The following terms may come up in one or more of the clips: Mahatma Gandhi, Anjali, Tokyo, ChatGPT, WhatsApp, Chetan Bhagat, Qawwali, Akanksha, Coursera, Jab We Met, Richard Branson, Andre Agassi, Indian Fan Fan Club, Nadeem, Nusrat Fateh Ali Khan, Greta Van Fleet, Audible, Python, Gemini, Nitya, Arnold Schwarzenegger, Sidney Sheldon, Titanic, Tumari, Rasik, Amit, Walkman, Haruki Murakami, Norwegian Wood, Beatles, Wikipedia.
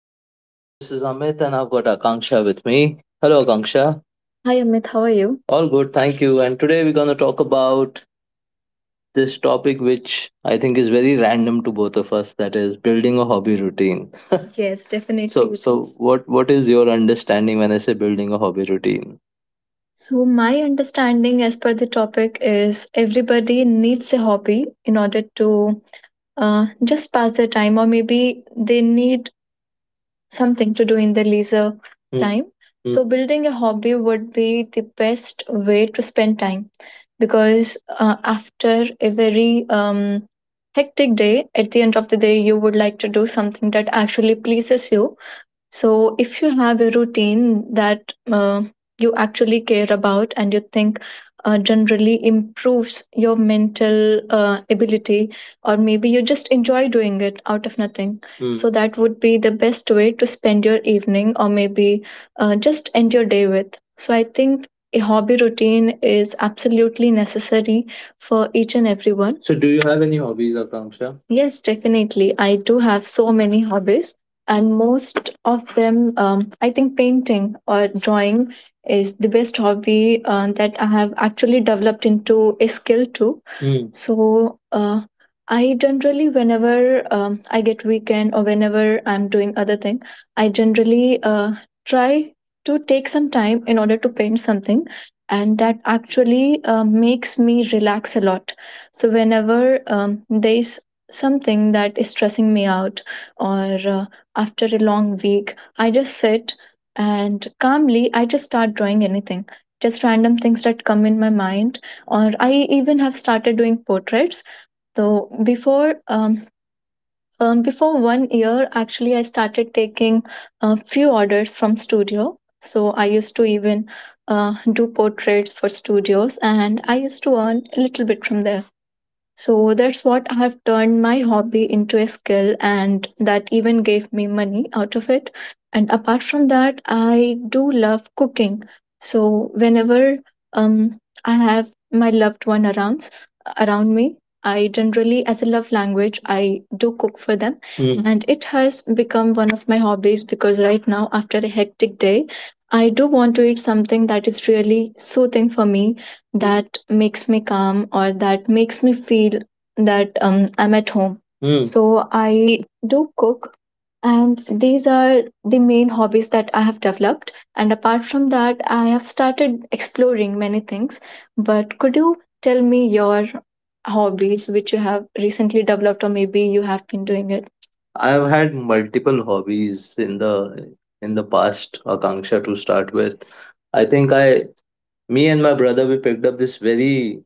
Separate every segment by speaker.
Speaker 1: podcast. This is Amit, and I've got Akanksha with me. Hello, Akanksha. Hi Amit, how are you? All good, thank you. And today we're going to talk about this topic, which I think is very random to both of us. That is building a hobby routine. Yes, so definitely so, it so is. What is your understanding when I say building a hobby routine? So, my understanding as per the topic is everybody needs a hobby in order to just pass their time, or maybe they need something to do in their leisure time. Hmm, So, building a hobby would be the best way to spend time because after a very hectic day, at the end of the day, you would like to do something that actually pleases you. So if you have a routine that you actually care about and you think generally improves your mental ability, or maybe you just enjoy doing it out of nothing, so that would be the best way to spend your evening, or maybe just end your day with. So, I think a hobby routine is absolutely necessary for each and everyone. So, do you have any hobbies, Akanksha? Yes, definitely. I do have so many hobbies, and most of them, I think painting or drawing is the best hobby that I have actually developed into a skill too. Mm. So I generally, whenever I get weekend or whenever I'm doing other thing, I generally try to take some time in order to paint something, and that actually makes me relax a lot. So whenever there is something that is stressing me out, or after a long week, I just sit and calmly I just start drawing anything, just random things that come in my mind. Or I even have started doing portraits. So before before one year actually I started taking a few orders from studio. So I used to even do portraits for studios, and I used to earn a little bit from there. So that's what, I have turned my hobby into a skill, and that even gave me money out of it. And apart from that, I do love cooking. So whenever um, I have my loved one around me, I generally, as a love language, I do cook for them, and it has become one of my hobbies because right now, after a hectic day, I do want to eat something that is really soothing for me, that makes me calm, or that makes me feel that I'm at home. Hmm. So I do cook, and these are the main hobbies that I have developed. And apart from that, I have started exploring many things. But could you tell me your hobbies which you have recently developed, or maybe you have been doing it? I've had multiple hobbies in the past, Akanksha, to start with. I think I me and my brother, we picked up this very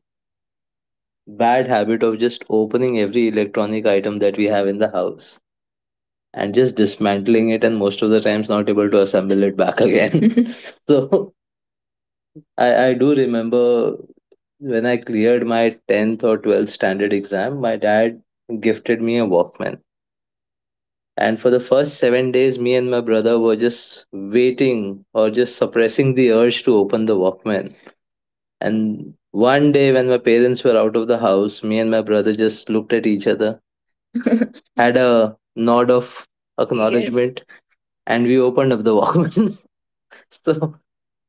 Speaker 1: bad habit of just opening every electronic item that we have in the house and just dismantling it, and most of the times not able to assemble it back again. So I do remember when I cleared my 10th or 12th standard exam, my dad gifted me a Walkman. And for the first 7 days, me and my brother were just waiting, or just suppressing the urge to open the Walkman. And one day, when my parents were out of the house, me and my brother just looked at each other, had a nod of yes. acknowledgement, and we opened up the Walkman. So,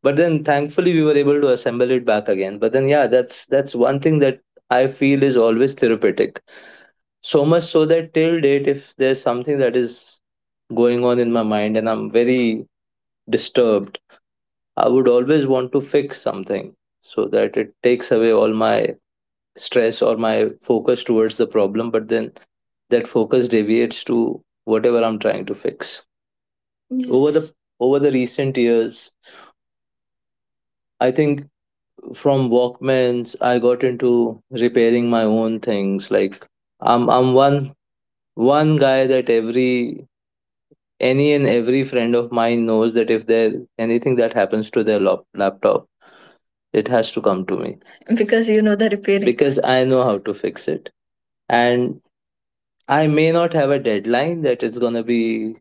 Speaker 1: but then thankfully we were able to assemble it back again. But then, yeah, that's one thing that I feel is always therapeutic. So much so that till date, if there's something that is going on in my mind and I'm very disturbed, I would always want to fix something so that it takes away all my stress, or my focus towards the problem. But then that focus deviates to whatever I'm trying to fix. Yes. Over the recent years, I think from walkmans I got into repairing my own things, like I'm one guy that every any and every friend of mine knows that if there anything that happens to their laptop, it has to come to me. Because you know the repairing, because I know how to fix it. And I may not have a deadline that it's gonna be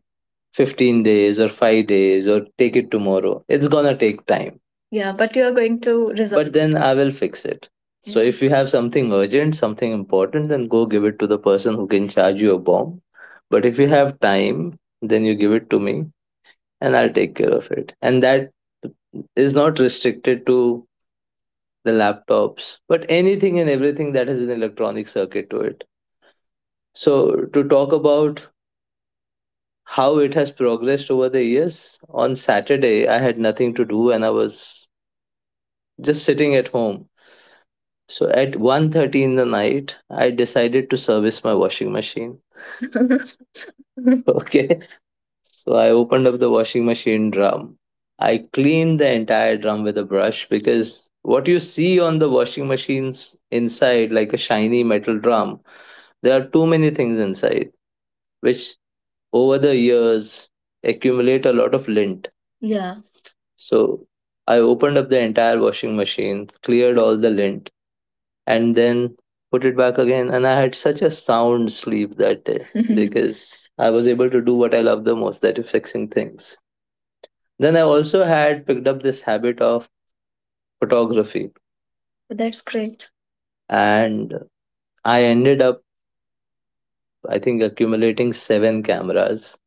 Speaker 1: 15 days or 5 days or take it tomorrow. It's gonna take time, yeah, but you're going to resolve, but then I will fix it. So, yeah, if you have something urgent, something important, then go give it to the person who can charge you a bomb. But if you have time, then you give it to me and I'll take care of it. And that is not restricted to the laptops, but anything and everything that has an electronic circuit to it. So, to talk about how it has progressed over the years. On Saturday, I had nothing to do and I was just sitting at home. So at 1:30 in the night, I decided to service my washing machine. Okay. So I opened up the washing machine drum. I cleaned the entire drum with a brush because what you see on the washing machines inside, like a shiny metal drum, there are too many things inside, which over the years accumulate a lot of lint. So I opened up the entire washing machine, cleared all the lint, and then put it back again. And I had such a sound sleep that day because I was able to do what I love the most, that is, fixing things. Then I also had picked up this habit of photography. That's great. And I ended up, I think, accumulating seven cameras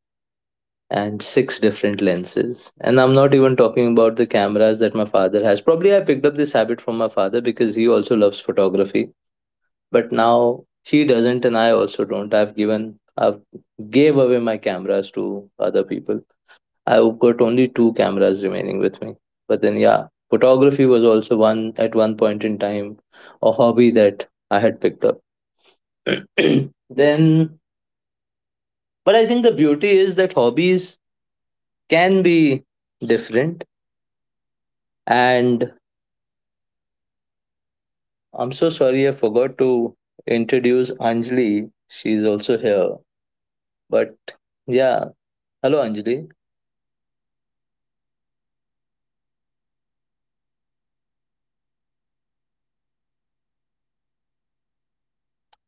Speaker 1: and six different lenses. And I'm not even talking about the cameras that my father has. Probably I picked up this habit from my father because he also loves photography, but now she doesn't, and I also don't. I've gave away my cameras to other people. I've got only two cameras remaining with me. But then, yeah, photography was also one at one point in time a hobby that I had picked up. Then, but I think the beauty is that hobbies can be different. And I'm so sorry, I forgot to introduce Anjali. She's also here. But yeah, hello Anjali.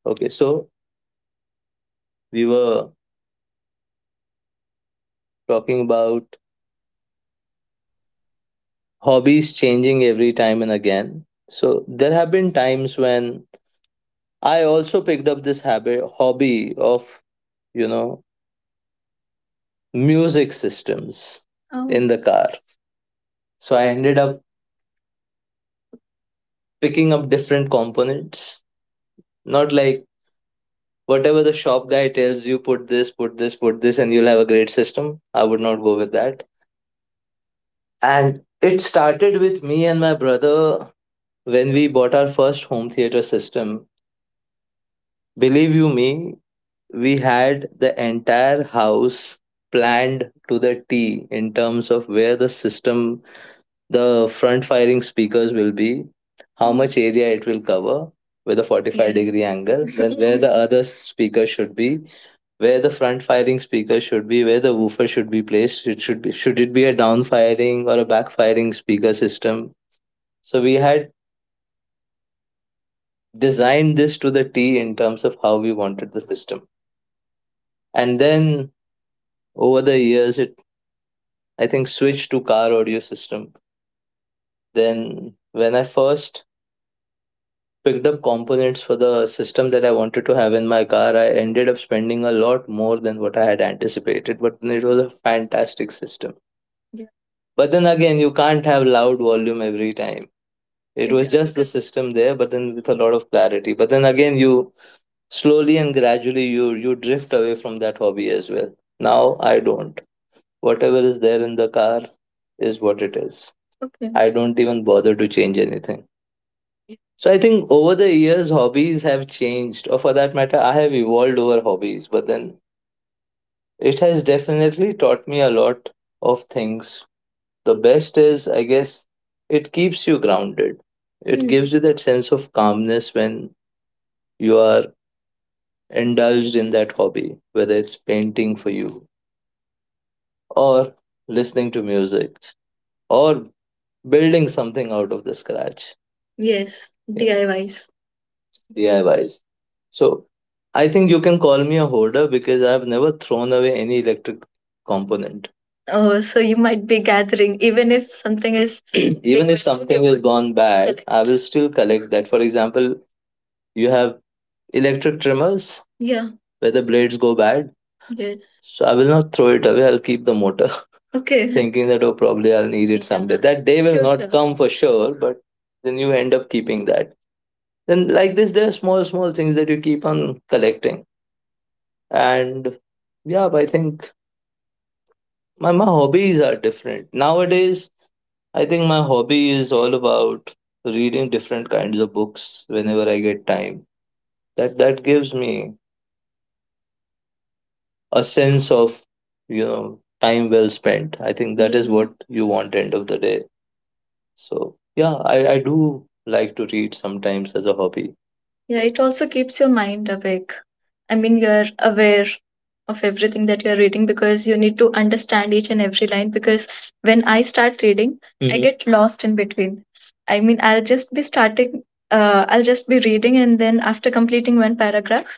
Speaker 1: Okay, so we were talking about hobbies changing every time and again. So there have been times when I also picked up this habit hobby of, you know, music systems, oh, in the car. So I ended up picking up different components, not like whatever the shop guy tells you, put this, put this, put this, and you'll have a great system. I would not go with that. And it started with me and my brother when we bought our first home theater system. Believe you me, we had the entire house planned to the T in terms of where the system, the front firing speakers will be, how much area it will cover with a 45, yeah, degree angle, then where the other speaker should be, where the front firing speaker should be, where the woofer should be placed. It should be Should it be a down firing or a back firing speaker system. So we had designed this to the T in terms of how we wanted the system. And then over the years, it. I think, switched to car audio system. Then, when I first picked up components for the system that I wanted to have in my car, I ended up spending a lot more than what I had anticipated. But then it was a fantastic system. Yeah, but then again, you can't have loud volume every time. It was, yeah, just the system there, but then with a lot of clarity. But then again, you slowly and gradually you drift away from that hobby as well. Now I don't. Whatever is there in the car is what it is. Okay. I don't even bother to change anything. So I think over the years, hobbies have changed, or for that matter, I have evolved over hobbies. But then it has definitely taught me a lot of things. The best is, I guess, it keeps you grounded. It gives you that sense of calmness when you are indulged in that hobby, whether it's painting for you, or listening to music, or building something out of the scratch. Yes. Yeah. DIYs. DIYs. So I think you can call me a hoarder because I've never thrown away any electric component. Oh, so you might be gathering even if something is Even if something is gone bad, I will still collect that. For example, you have electric trimmers, yeah, where the blades go bad. Yes. So I will not throw it away. I'll keep the motor, okay, thinking that, oh, probably I'll need it, yeah, someday. That day will, sure, not sure, come for sure, but then you end up keeping that. Then like this, there are small small things that you keep on collecting. And yeah, I think my hobbies are different nowadays. I think my hobby is all about reading different kinds of books whenever I get time. That gives me a sense of time well spent. I think that is, Mm-hmm. what you want end of the day. So yeah, I do like to read sometimes as a hobby. Yeah, it also keeps your mind awake. I mean, you're aware of everything that you're reading because you need to understand each and every line. Because when I start reading, I get lost in between. I mean, I'll just be reading, and then after completing one paragraph,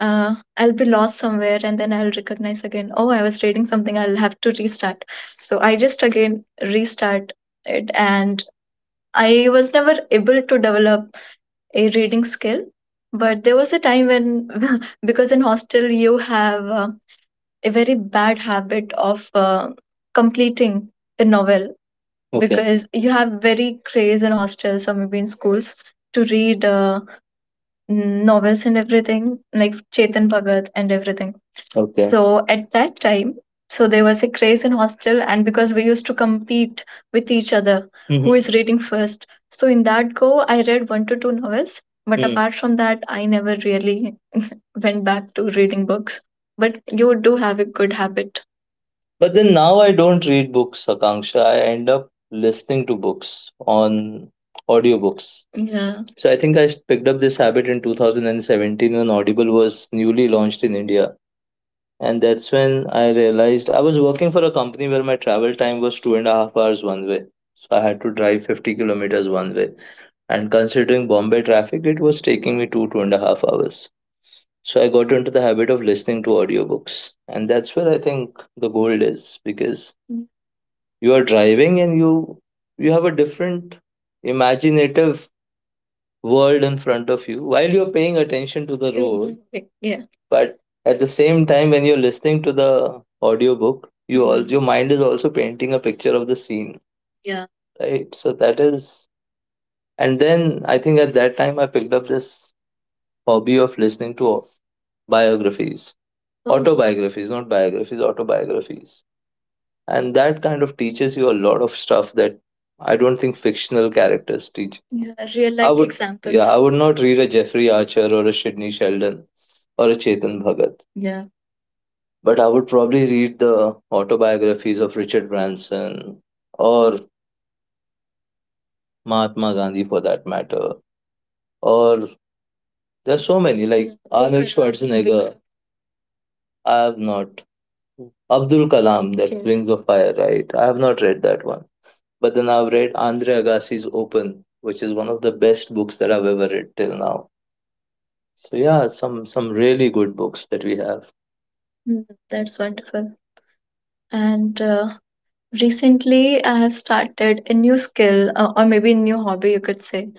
Speaker 1: I'll be lost somewhere and then I'll recognize again, oh, I was reading something, I'll have to restart. So I just again restart it. And I was never able to develop a reading skill. But there was a time when, because in hostel, you have a very bad habit of completing a novel. Okay. Because you have very craze in hostels or maybe in schools to read novels and everything, like Chetan Bhagat and everything. Okay. So at that time, so there was a craze in hostel, and because we used to compete with each other, who is reading first. So in that go, I read one to two novels, but, mm, apart from that, I never really went back to reading books. But you do have a good habit. But then now I don't read books, Akanksha. I end up listening to books on audiobooks. Yeah. So I think picked up this habit in 2017 when Audible was newly launched in India. And that's when I realized I was working for a company where my travel time was 2.5 hours one way. So I had to drive 50 kilometers one way. And considering Bombay traffic, it was taking me two, 2.5 hours. So I got into the habit of listening to audiobooks. And that's where I think the gold is because, mm, you are driving and you have a different imaginative world in front of you while you're paying attention to the road. Mhm. Yeah. But at the same time when you're listening to the audiobook, you all, mhm, your mind is also painting a picture of the scene. Yeah, right. So that is, and then I think at that time I picked up this hobby of listening to biographies. Okay. Autobiographies, not biographies, autobiographies. And that kind of teaches you a lot of stuff that I don't think fictional characters teach. Yeah, real, I life would, yeah, I examples would not read a Jeffrey Archer or a Sidney Sheldon or a Chetan Bhagat. Yeah. But I would probably read the autobiographies of Richard Branson or Mahatma Gandhi, for that matter, or there's so many, like, yeah, Arnold. Open up big Schwarzenegger wings. I have not. Abdul Kalam, that, okay, Wings of Fire, right, I have not read that one. But then I've read Andre Agassi's Open, which is one of the best books that I've ever read till now. So yeah, some really good books that we have. Mm, that's wonderful. And recently, I have started a new skill, or maybe a new hobby, you could say.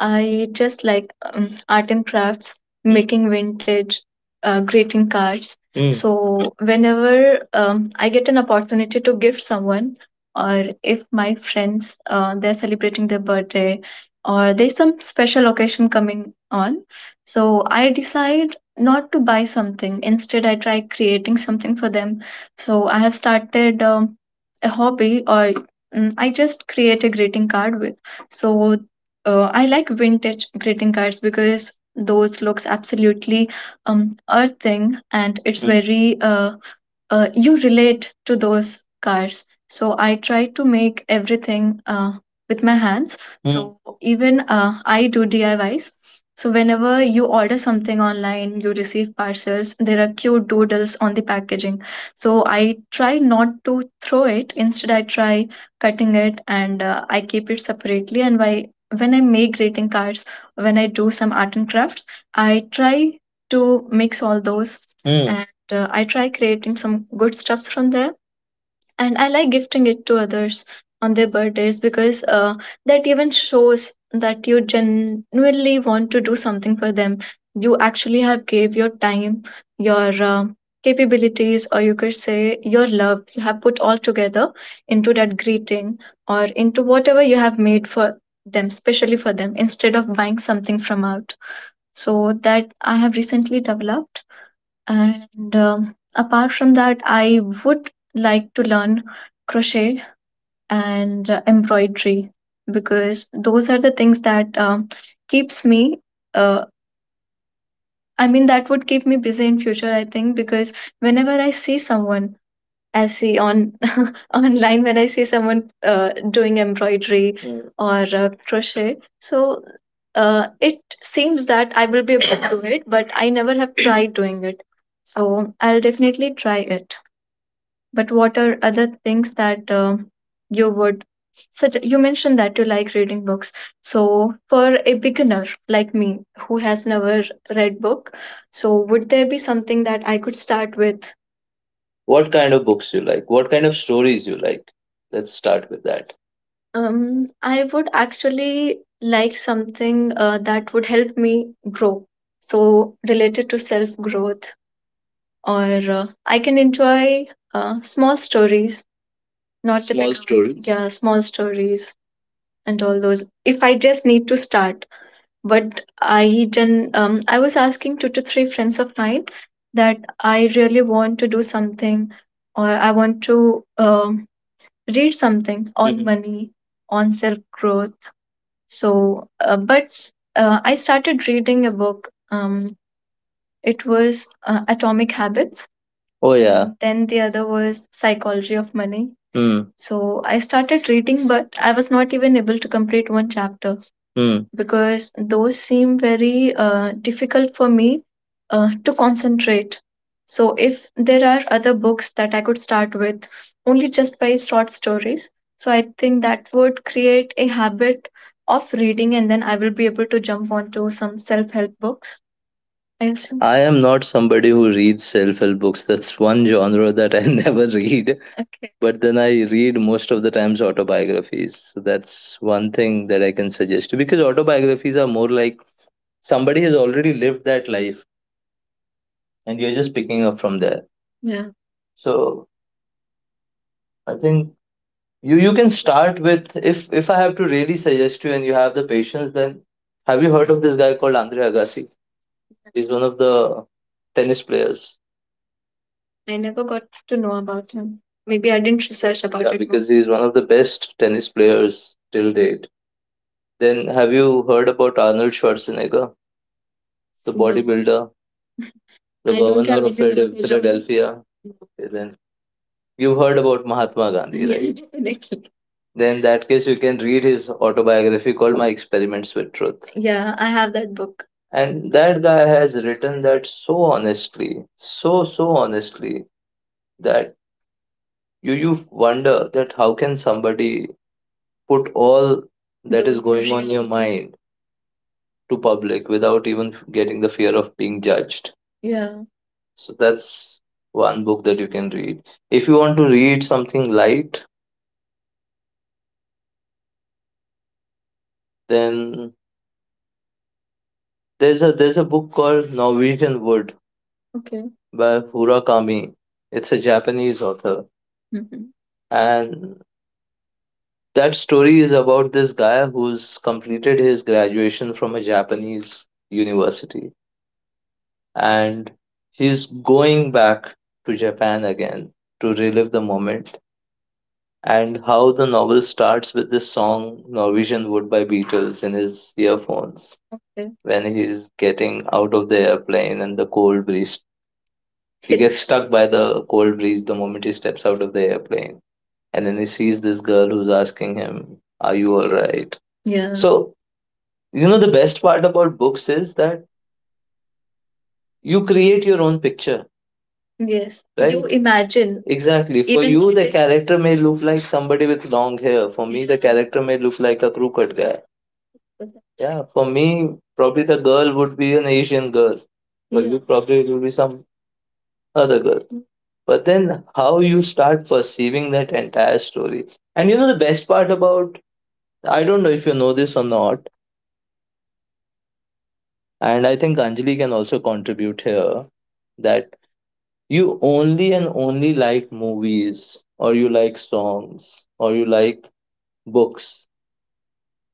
Speaker 1: I just like art and crafts, mm, making vintage greeting cards. Mm. So, whenever I get an opportunity to gift someone, or if my friends they're celebrating their birthday, or there's some special occasion coming on, so I decide not to buy something. Instead, I try creating something for them. So, I have started. A hobby or I just create a greeting card with. So I like vintage greeting cards because those looks absolutely earthing and it's, mm, very you relate to those cars. So I try to make everything with my hands. Mm. So even I do DIYs. So whenever you order something online, you receive parcels, there are cute doodles on the packaging. So I try not to throw it. Instead, I try cutting it and I keep it separately. And why, when I make greeting cards, when I do some art and crafts, I try to mix all those, mm, I try creating some good stuffs from there, and I like gifting it to others on their birthdays because that even shows that you genuinely want to do something for them. You actually have gave your time, your capabilities, or you could say your love. You have put all together into that greeting or into whatever you have made for them, specially for them, instead of buying something from out. So that I have recently developed. And apart from that, I would like to learn crochet and embroidery because those are the things that keeps me. Uh, I mean, that would keep me busy in future. I think because whenever I see someone I see on online when I see someone doing embroidery, mm, or crochet. So it seems that I will be able to do it, but I never have tried doing it. So I'll definitely try it. But what are other things that you would? Such you mentioned that you like reading books. So for a beginner like me who has never read book, so would there be something that I could start with? What kind of books you like? What kind of stories you like? Let's start with that. I would actually like something that would help me grow. So, related to self growth, or I can enjoy small stories, not small typical, stories, yeah, small stories and all those. If I just need to start, but I didn't. I was asking two to three friends of mine that I really want to do something, or I want to, um, read something on, mhm, money, on self growth. So, but I started reading a book. It was Atomic Habits. Oh yeah. And then the other was Psychology of Money. Hmm. So I started reading but I was not even able to complete one chapter. Hmm. Because those seem very difficult for me to concentrate. So, if there are other books that I could start with only just by short stories, so I think that would create a habit of reading and then I will be able to jump onto some self help books. Yes. I am not somebody who reads self help books. That's one genre that I never read. Okay. But then I read most of the times autobiographies. So that's one thing that I can suggest you because autobiographies are more like somebody has already lived that life and you're just picking up from there. Yeah. So I think you can start with, if I have to really suggest you and you have the patience, then have you heard of this guy called Andre Agassi? He's one of the tennis players. I never got to know about him. Maybe I didn't research about, yeah, it more, because he's one of the best tennis players till date. Then, have you heard about Arnold Schwarzenegger, the, no, bodybuilder, the I don't governor have of any Philad- knowledge of him. Philadelphia? No. Okay, then you've heard about Mahatma Gandhi, yeah, right? Definitely. Then, in that case, you can read his autobiography called My Experiments with Truth. Yeah, I have that book. And that guy has written that so honestly, so, so honestly, that you wonder that how can somebody put all that is going on in your really mind to public without even getting the fear of being judged, yeah, so that's one book that you can read. If you want to read something light, then there's a book called Norwegian Wood, okay, by Hurakami. It's a Japanese author. Hmm. And that story is about this guy who's completed his graduation from a Japanese university and he's going back to Japan again to relive the moment. And how the novel starts with this song Norwegian Wood by Beatles in his earphones. Okay. When he's getting out of the airplane and the cold breeze. He gets, it's stuck by the cold breeze the moment he steps out of the airplane. And then he sees this girl who's asking him, "Are you alright?" Yeah. So the best part about books is that you create your own picture. Yes, right? You imagine. Exactly. For even you, the is. Character may look like somebody with long hair. For me, the character may look like a crooked guy. Yeah. For me, probably the girl would be an Asian girl. For, yeah, you, probably it would be some other girl. But then, how you start perceiving that entire story. And you know, the best part about I don't know if you know this or not, and I think Anjali can also contribute here, that you only and only like movies or you like songs or you like books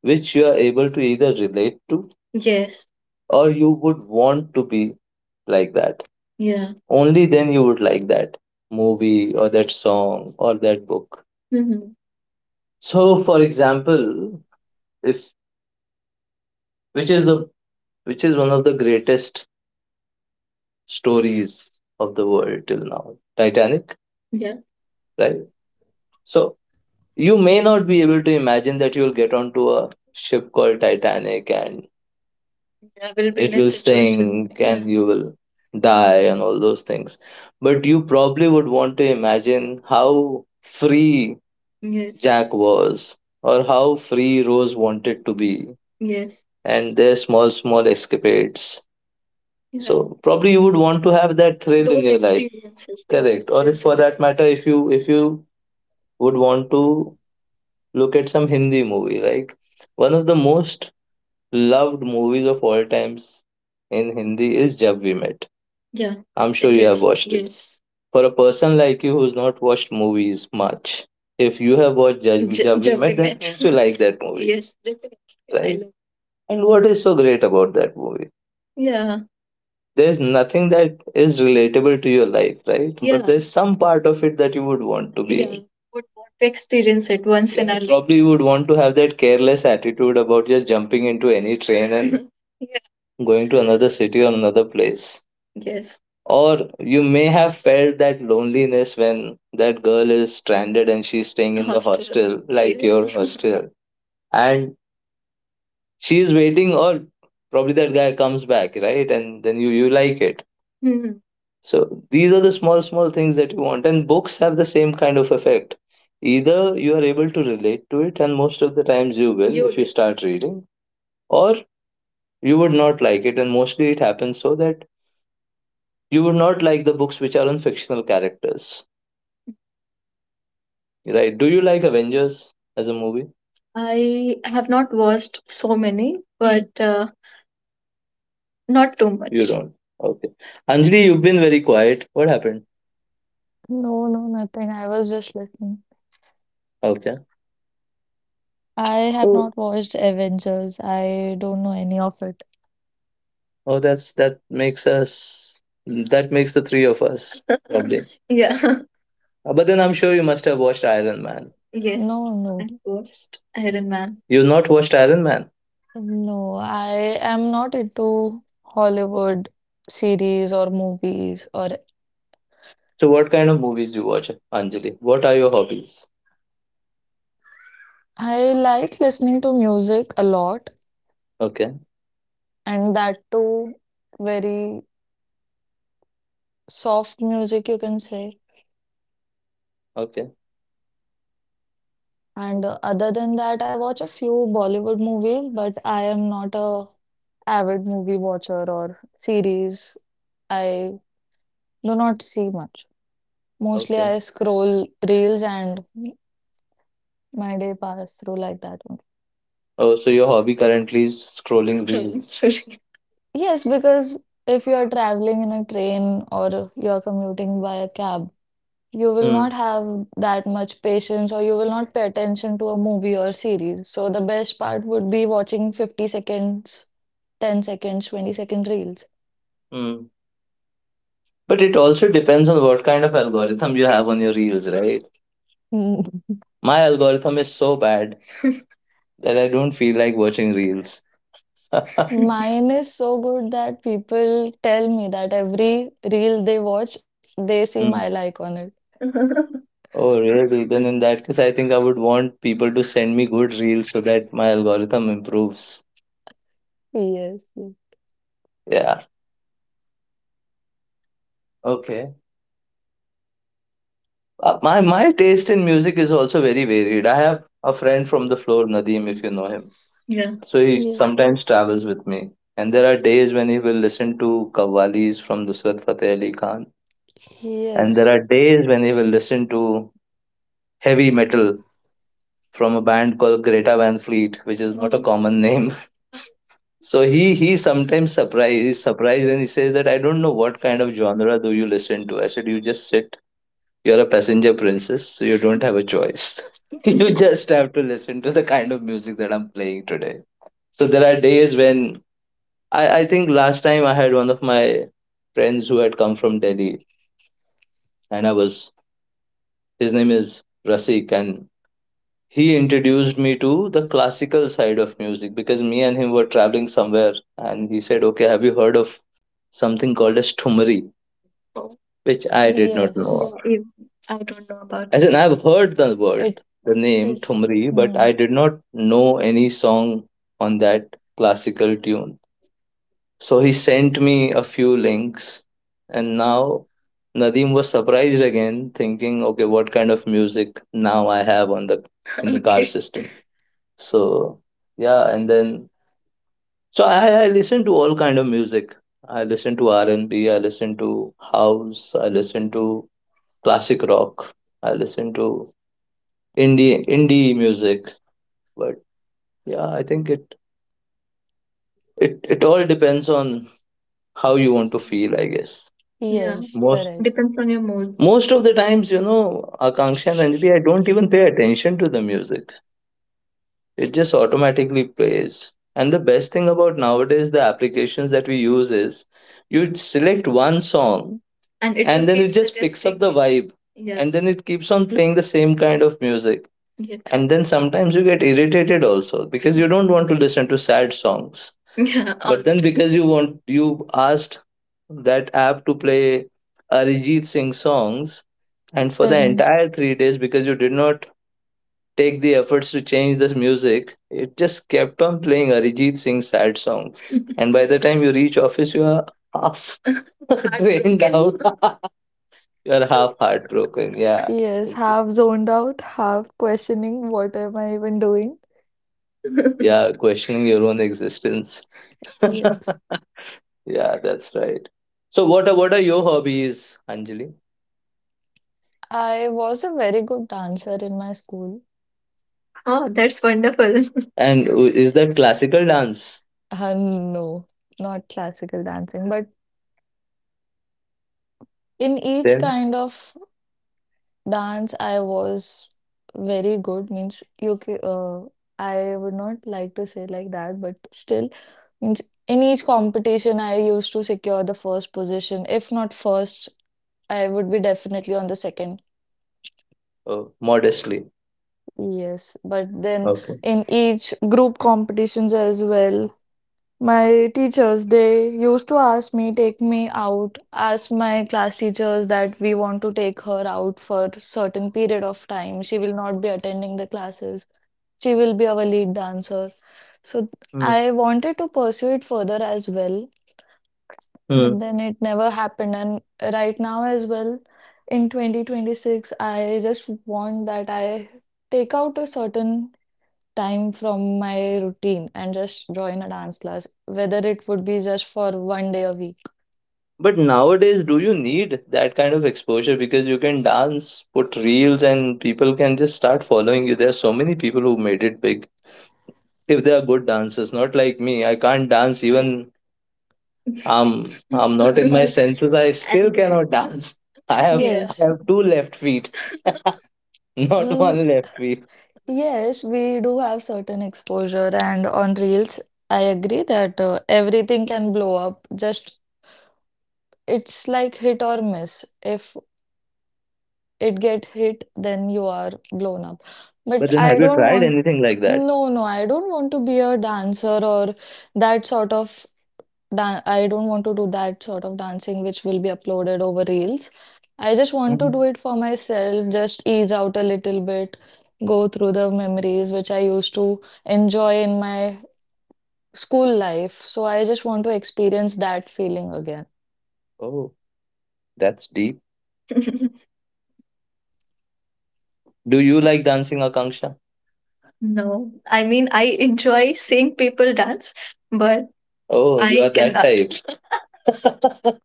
Speaker 1: which you are able to either relate to, yes, or you would want to be like that. Yeah. Only then you would like that movie or that song or that book. hmm so, for example, if which is the which is one of the greatest stories of the world till now? Titanic. Yeah, right. So you may not be able to imagine that you'll get onto a ship called Titanic and I will be in it in a will situation sink Yeah. And you will die and all those things. But you probably would want to imagine how free, yes, Jack was or how free Rose wanted to be, yes, and their small, small escapades. Yeah. So probably you would want to have that thrill in Those your life experiences. Yeah, correct. Or, if, yes, for that matter, if you would want to look at some Hindi movie, like one of the most loved movies of all times in Hindi is Jab We Met. Yeah, I'm sure it you have is watched it. Yes. For a person like you who's not watched movies much, if you have watched Jab, J- Jab we Met, that met. Means you like that movie, yes, definitely. I, right, love. And what is so great about that movie? Yeah, there's nothing that is relatable to your life, right? But, yeah, there's some part of it that you would want to be, yeah, in. Would want to experience it once in, yeah, our life. Probably you would want to have that careless attitude about just jumping into any train and yeah, going to another city or another place. Yes. Or you may have felt that loneliness when that girl is stranded and she's staying in the hostel, like, yeah, your hostel. And she's waiting, or probably that guy comes back, right? And then you like it. Mhm. So these are the small, small things that you want, and books have the same kind of effect. Either you are able to relate to it, and most of the times you will, you if you will start reading, or you would not like it. And mostly it happens so that you would not like the books which are on fictional characters, right? Do you like Avengers as a movie? I have not watched so many, but not too You much. Don't. Okay. Anjali, you've been very quiet. What happened?
Speaker 2: No, no, nothing. I was just listening.
Speaker 1: Okay.
Speaker 2: I have
Speaker 1: So,
Speaker 2: not watched Avengers. I don't know any of it.
Speaker 1: oh, that's that makes us. That makes the three of us, probably. Yeah. But then I'm sure you must have watched Iron Man.
Speaker 2: No,
Speaker 1: Yes. I
Speaker 2: no,
Speaker 1: watched Iron Man. You've not watched Iron Man.
Speaker 2: no. I am not into Hollywood series or movies, or
Speaker 1: So what kind of movies do you watch, Anjali? What are your hobbies?
Speaker 2: I like listening to music a lot,
Speaker 1: Okay.
Speaker 2: and that too very soft music, you can say.
Speaker 1: Okay.
Speaker 2: And other than that, I watch a few Bollywood movies, but I am not a avid movie watcher or series. I do not see much. Mostly
Speaker 1: Okay.
Speaker 2: I scroll reels and my day passes through like that only.
Speaker 1: Oh, so your hobby currently is scrolling, trolling reels story.
Speaker 2: Yes, because if you are traveling in a train or you are commuting by a cab, you will
Speaker 1: Hmm.
Speaker 2: not have that much patience or you will not pay attention to a movie or series. So the best part would be watching 50 seconds, 10 seconds, 20-second reels.
Speaker 1: Hmm. But it also depends on what kind of algorithm you have on your reels, right? My algorithm is so bad that I don't feel like watching reels.
Speaker 2: Mine is so good that people tell me that every reel they watch, they see my
Speaker 1: Mm.
Speaker 2: like on it.
Speaker 1: Oh, really? Then in that case, I think I would want people to send me good reels so that my algorithm improves.
Speaker 2: Yes. Yes.
Speaker 1: Yeah. Okay. My taste in music is also very varied. I have a friend from the floor, Nadeem, if you know him. Yeah. So he
Speaker 2: Ye-
Speaker 1: sometimes travels with me. And there are days when he will listen to Qawwalis from Nusrat Fateh Ali Khan. And there
Speaker 2: Yes,
Speaker 1: are days when you will listen to heavy metal from a band called Greta Van Fleet, which is not a common name. So he sometimes surprised he's surprised and he says that I don't know what kind of genre do you listen to. I said, you just sit. You're a passenger princess, so you don't have a choice. You just have to listen to the kind of music that I'm playing today. So there are days when I think last time I had one of my friends who had come from Delhi and I was his name is Rasik and he introduced me to the classical side of music, because me and him were traveling somewhere and he said, okay, have you heard of something called as tumari, which I did not know.
Speaker 2: yes,
Speaker 1: Oh, I don't know about I didn't I've heard the
Speaker 2: it
Speaker 1: word the name
Speaker 2: it.
Speaker 1: tumri, but
Speaker 2: mm,
Speaker 1: I did not know any song on that classical tune. So he sent me a few links, and now Nadim was surprised again, thinking, okay, what kind of music now I have on the in the car system. So, yeah. And then so I listen to all kind of music. I listen to R and B. I listen to house. I listen to classic rock. I listen to indie music. But, yeah, I think it all depends on how you want to feel. I guess. Yeah,
Speaker 2: Yes,
Speaker 1: most
Speaker 2: correct.
Speaker 1: depends on your mood. Most of the times, you know, Akanksha and Anjali, I don't even pay attention to the music. It just automatically plays. And the best thing about nowadays, the applications that we use, is you select one song and it will and will then keep just picks up suggesting the vibe. Yeah. And then it keeps on playing the same kind of music. Yes. And then sometimes you get irritated also because you don't want to listen to sad songs. Yeah. All but the then time, because you want, you asked that app to play Arijit Singh songs and for the
Speaker 2: Then
Speaker 1: entire 3 days, because you did not take the efforts to change this music, it just kept on playing Arijit Singh sad songs. And by the time you reach office, you are half drained out. You are half heartbroken. Yeah.
Speaker 2: yes, half zoned out, half questioning what am I even doing.
Speaker 1: Yeah. Questioning your own existence. Yeah,
Speaker 2: Yes,
Speaker 1: that's right. So, what are your hobbies, Anjali?
Speaker 2: I was a very good dancer in my school.
Speaker 1: Oh, that's wonderful. And is that classical dance?
Speaker 2: No, not classical dancing, but in each
Speaker 1: Then,
Speaker 2: kind of dance, I was very good, means you ca I would not like to say like that, but still, means in each competition, I used to secure the first position. If not first, I would be definitely on the second.
Speaker 1: oh, modestly.
Speaker 2: Yes, but then
Speaker 1: Okay.
Speaker 2: in each group competitions as well, my teachers, they used to ask me, take me out, ask my class teachers that we want to take her out for certain period of time. She will not be attending the classes. She will be our lead dancer. So
Speaker 1: Hmm.
Speaker 2: I wanted to pursue it further as well, but
Speaker 1: Hmm.
Speaker 2: then it never happened. And right now, as well, in 2026, I just want that I take out a certain time from my routine and just join a dance class, whether it would be just for one day a week.
Speaker 1: But nowadays, do you need that kind of exposure? Because you can dance, put reels, and people can just start following you. There are so many people who made it big. If they are good dancers, not like me, I can't dance. Even I'm I'm not in my
Speaker 2: But
Speaker 1: senses, I still and cannot dance. I have, yeah, I
Speaker 2: yes,
Speaker 1: have two left feet, not
Speaker 2: mm,
Speaker 1: one left feet.
Speaker 2: yes, we do have certain exposure, and on reels, I agree that everything can blow up. Just it's like hit or miss. If it get hit, then you are blown up. But
Speaker 1: But then,
Speaker 2: I
Speaker 1: have you
Speaker 2: don't
Speaker 1: tried
Speaker 2: want,
Speaker 1: anything like that?
Speaker 2: no, no, I don't want to be a dancer or that sort of I don't want to do that sort of dancing which will be uploaded over reels. I just want to do
Speaker 1: Mhm.
Speaker 2: it for myself, just ease out a little bit, go through the memories which I used to enjoy in my school life. So I just want to experience that feeling again.
Speaker 1: Oh, that's deep. Do you like dancing, Akanksha? No, I mean, I enjoy seeing people dance, but Oh, you I are that cannot type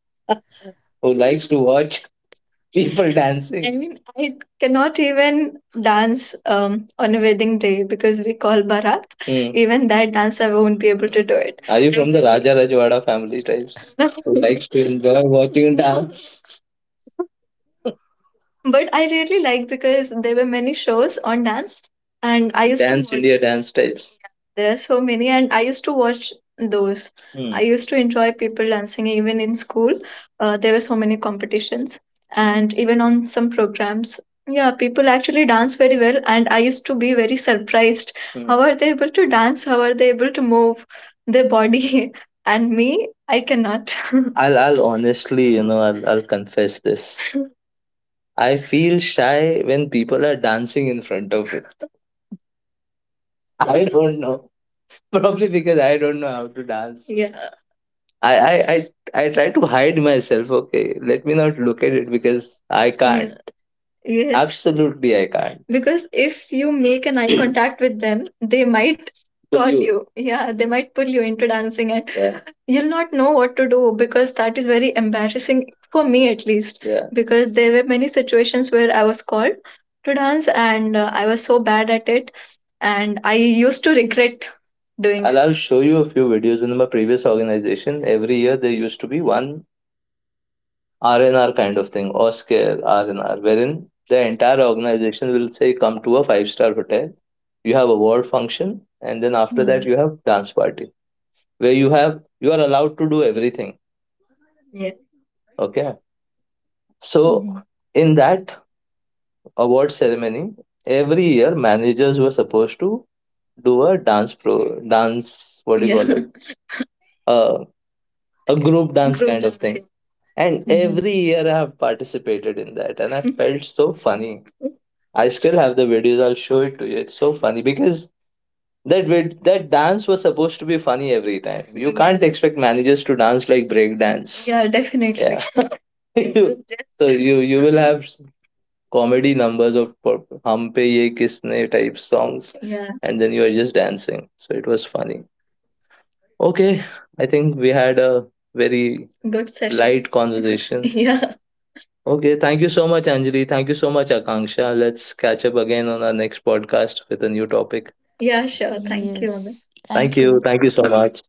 Speaker 1: who likes to watch people dancing. I dancing. Mean, I cannot even dance on a wedding day because we call Bharat. Hmm. Even that dance, I won't be able to do it. Are you I from the will be Raja Rajwada family types no, who likes to enjoy watching no, dance? But I really like because there were many shows on dance, and I used to Dance watch India dance types. Yeah, there are so many, and I used to watch those. I Hmm. used to enjoy people dancing even in school. There were so many competitions, and even on some programs. Yeah, people actually dance very well, and I used to be very surprised. Hmm. How are they able to dance? How are they able to move their body? And me, I cannot. I'll honestly, you know, I'll confess this. I feel shy when people are dancing in front of it. I don't know. Probably because I don't know how to dance. Yeah. I I I try to hide myself. Okay, let me not look at it because I can't. Yes. Absolutely, I can't. Because if you make an eye contact with them, they might Pull caught you. You. Yeah, they might pull you into dancing and, yeah, you'll not know what to do because that is very embarrassing for me at least. Yeah. Because there were many situations where I was called to dance and I was so bad at it and I used to regret doing And it. I'll show you a few videos. In my previous organization, every year there used to be one R&R kind of thing, Oscar R&R, wherein the entire organization will say, come to a five-star hotel. You have award function, and then after
Speaker 2: Mm-hmm.
Speaker 1: that you have dance party, where you have you are allowed to do everything. Yeah. Okay. So in that award ceremony, every year managers were supposed to do a dance. What do you, yeah, call it? Uh, a group dance, group kind dance, of thing. And
Speaker 2: Hmm.
Speaker 1: every year I have participated in that, and I felt so funny. I still have the videos. I'll show it to you. It's so funny because that that dance was supposed to be funny every time. You can't, yeah, expect managers to dance like break dance. Yeah, definitely. Yeah. It You- will just- so you will have comedy numbers of pop- hum pe ye kisne type songs, yeah, and then you are just dancing. So it was funny. Okay, I think we had a very good session, light conversation. Yeah. Okay, thank you so much, Anjali. Thank you so much, Akanksha. Let's catch up again on our next podcast with a new topic. Yeah, sure. Thank you. Amit.
Speaker 2: Yes,
Speaker 1: Thank
Speaker 2: thank
Speaker 1: you.
Speaker 2: you.
Speaker 1: Thank you so much.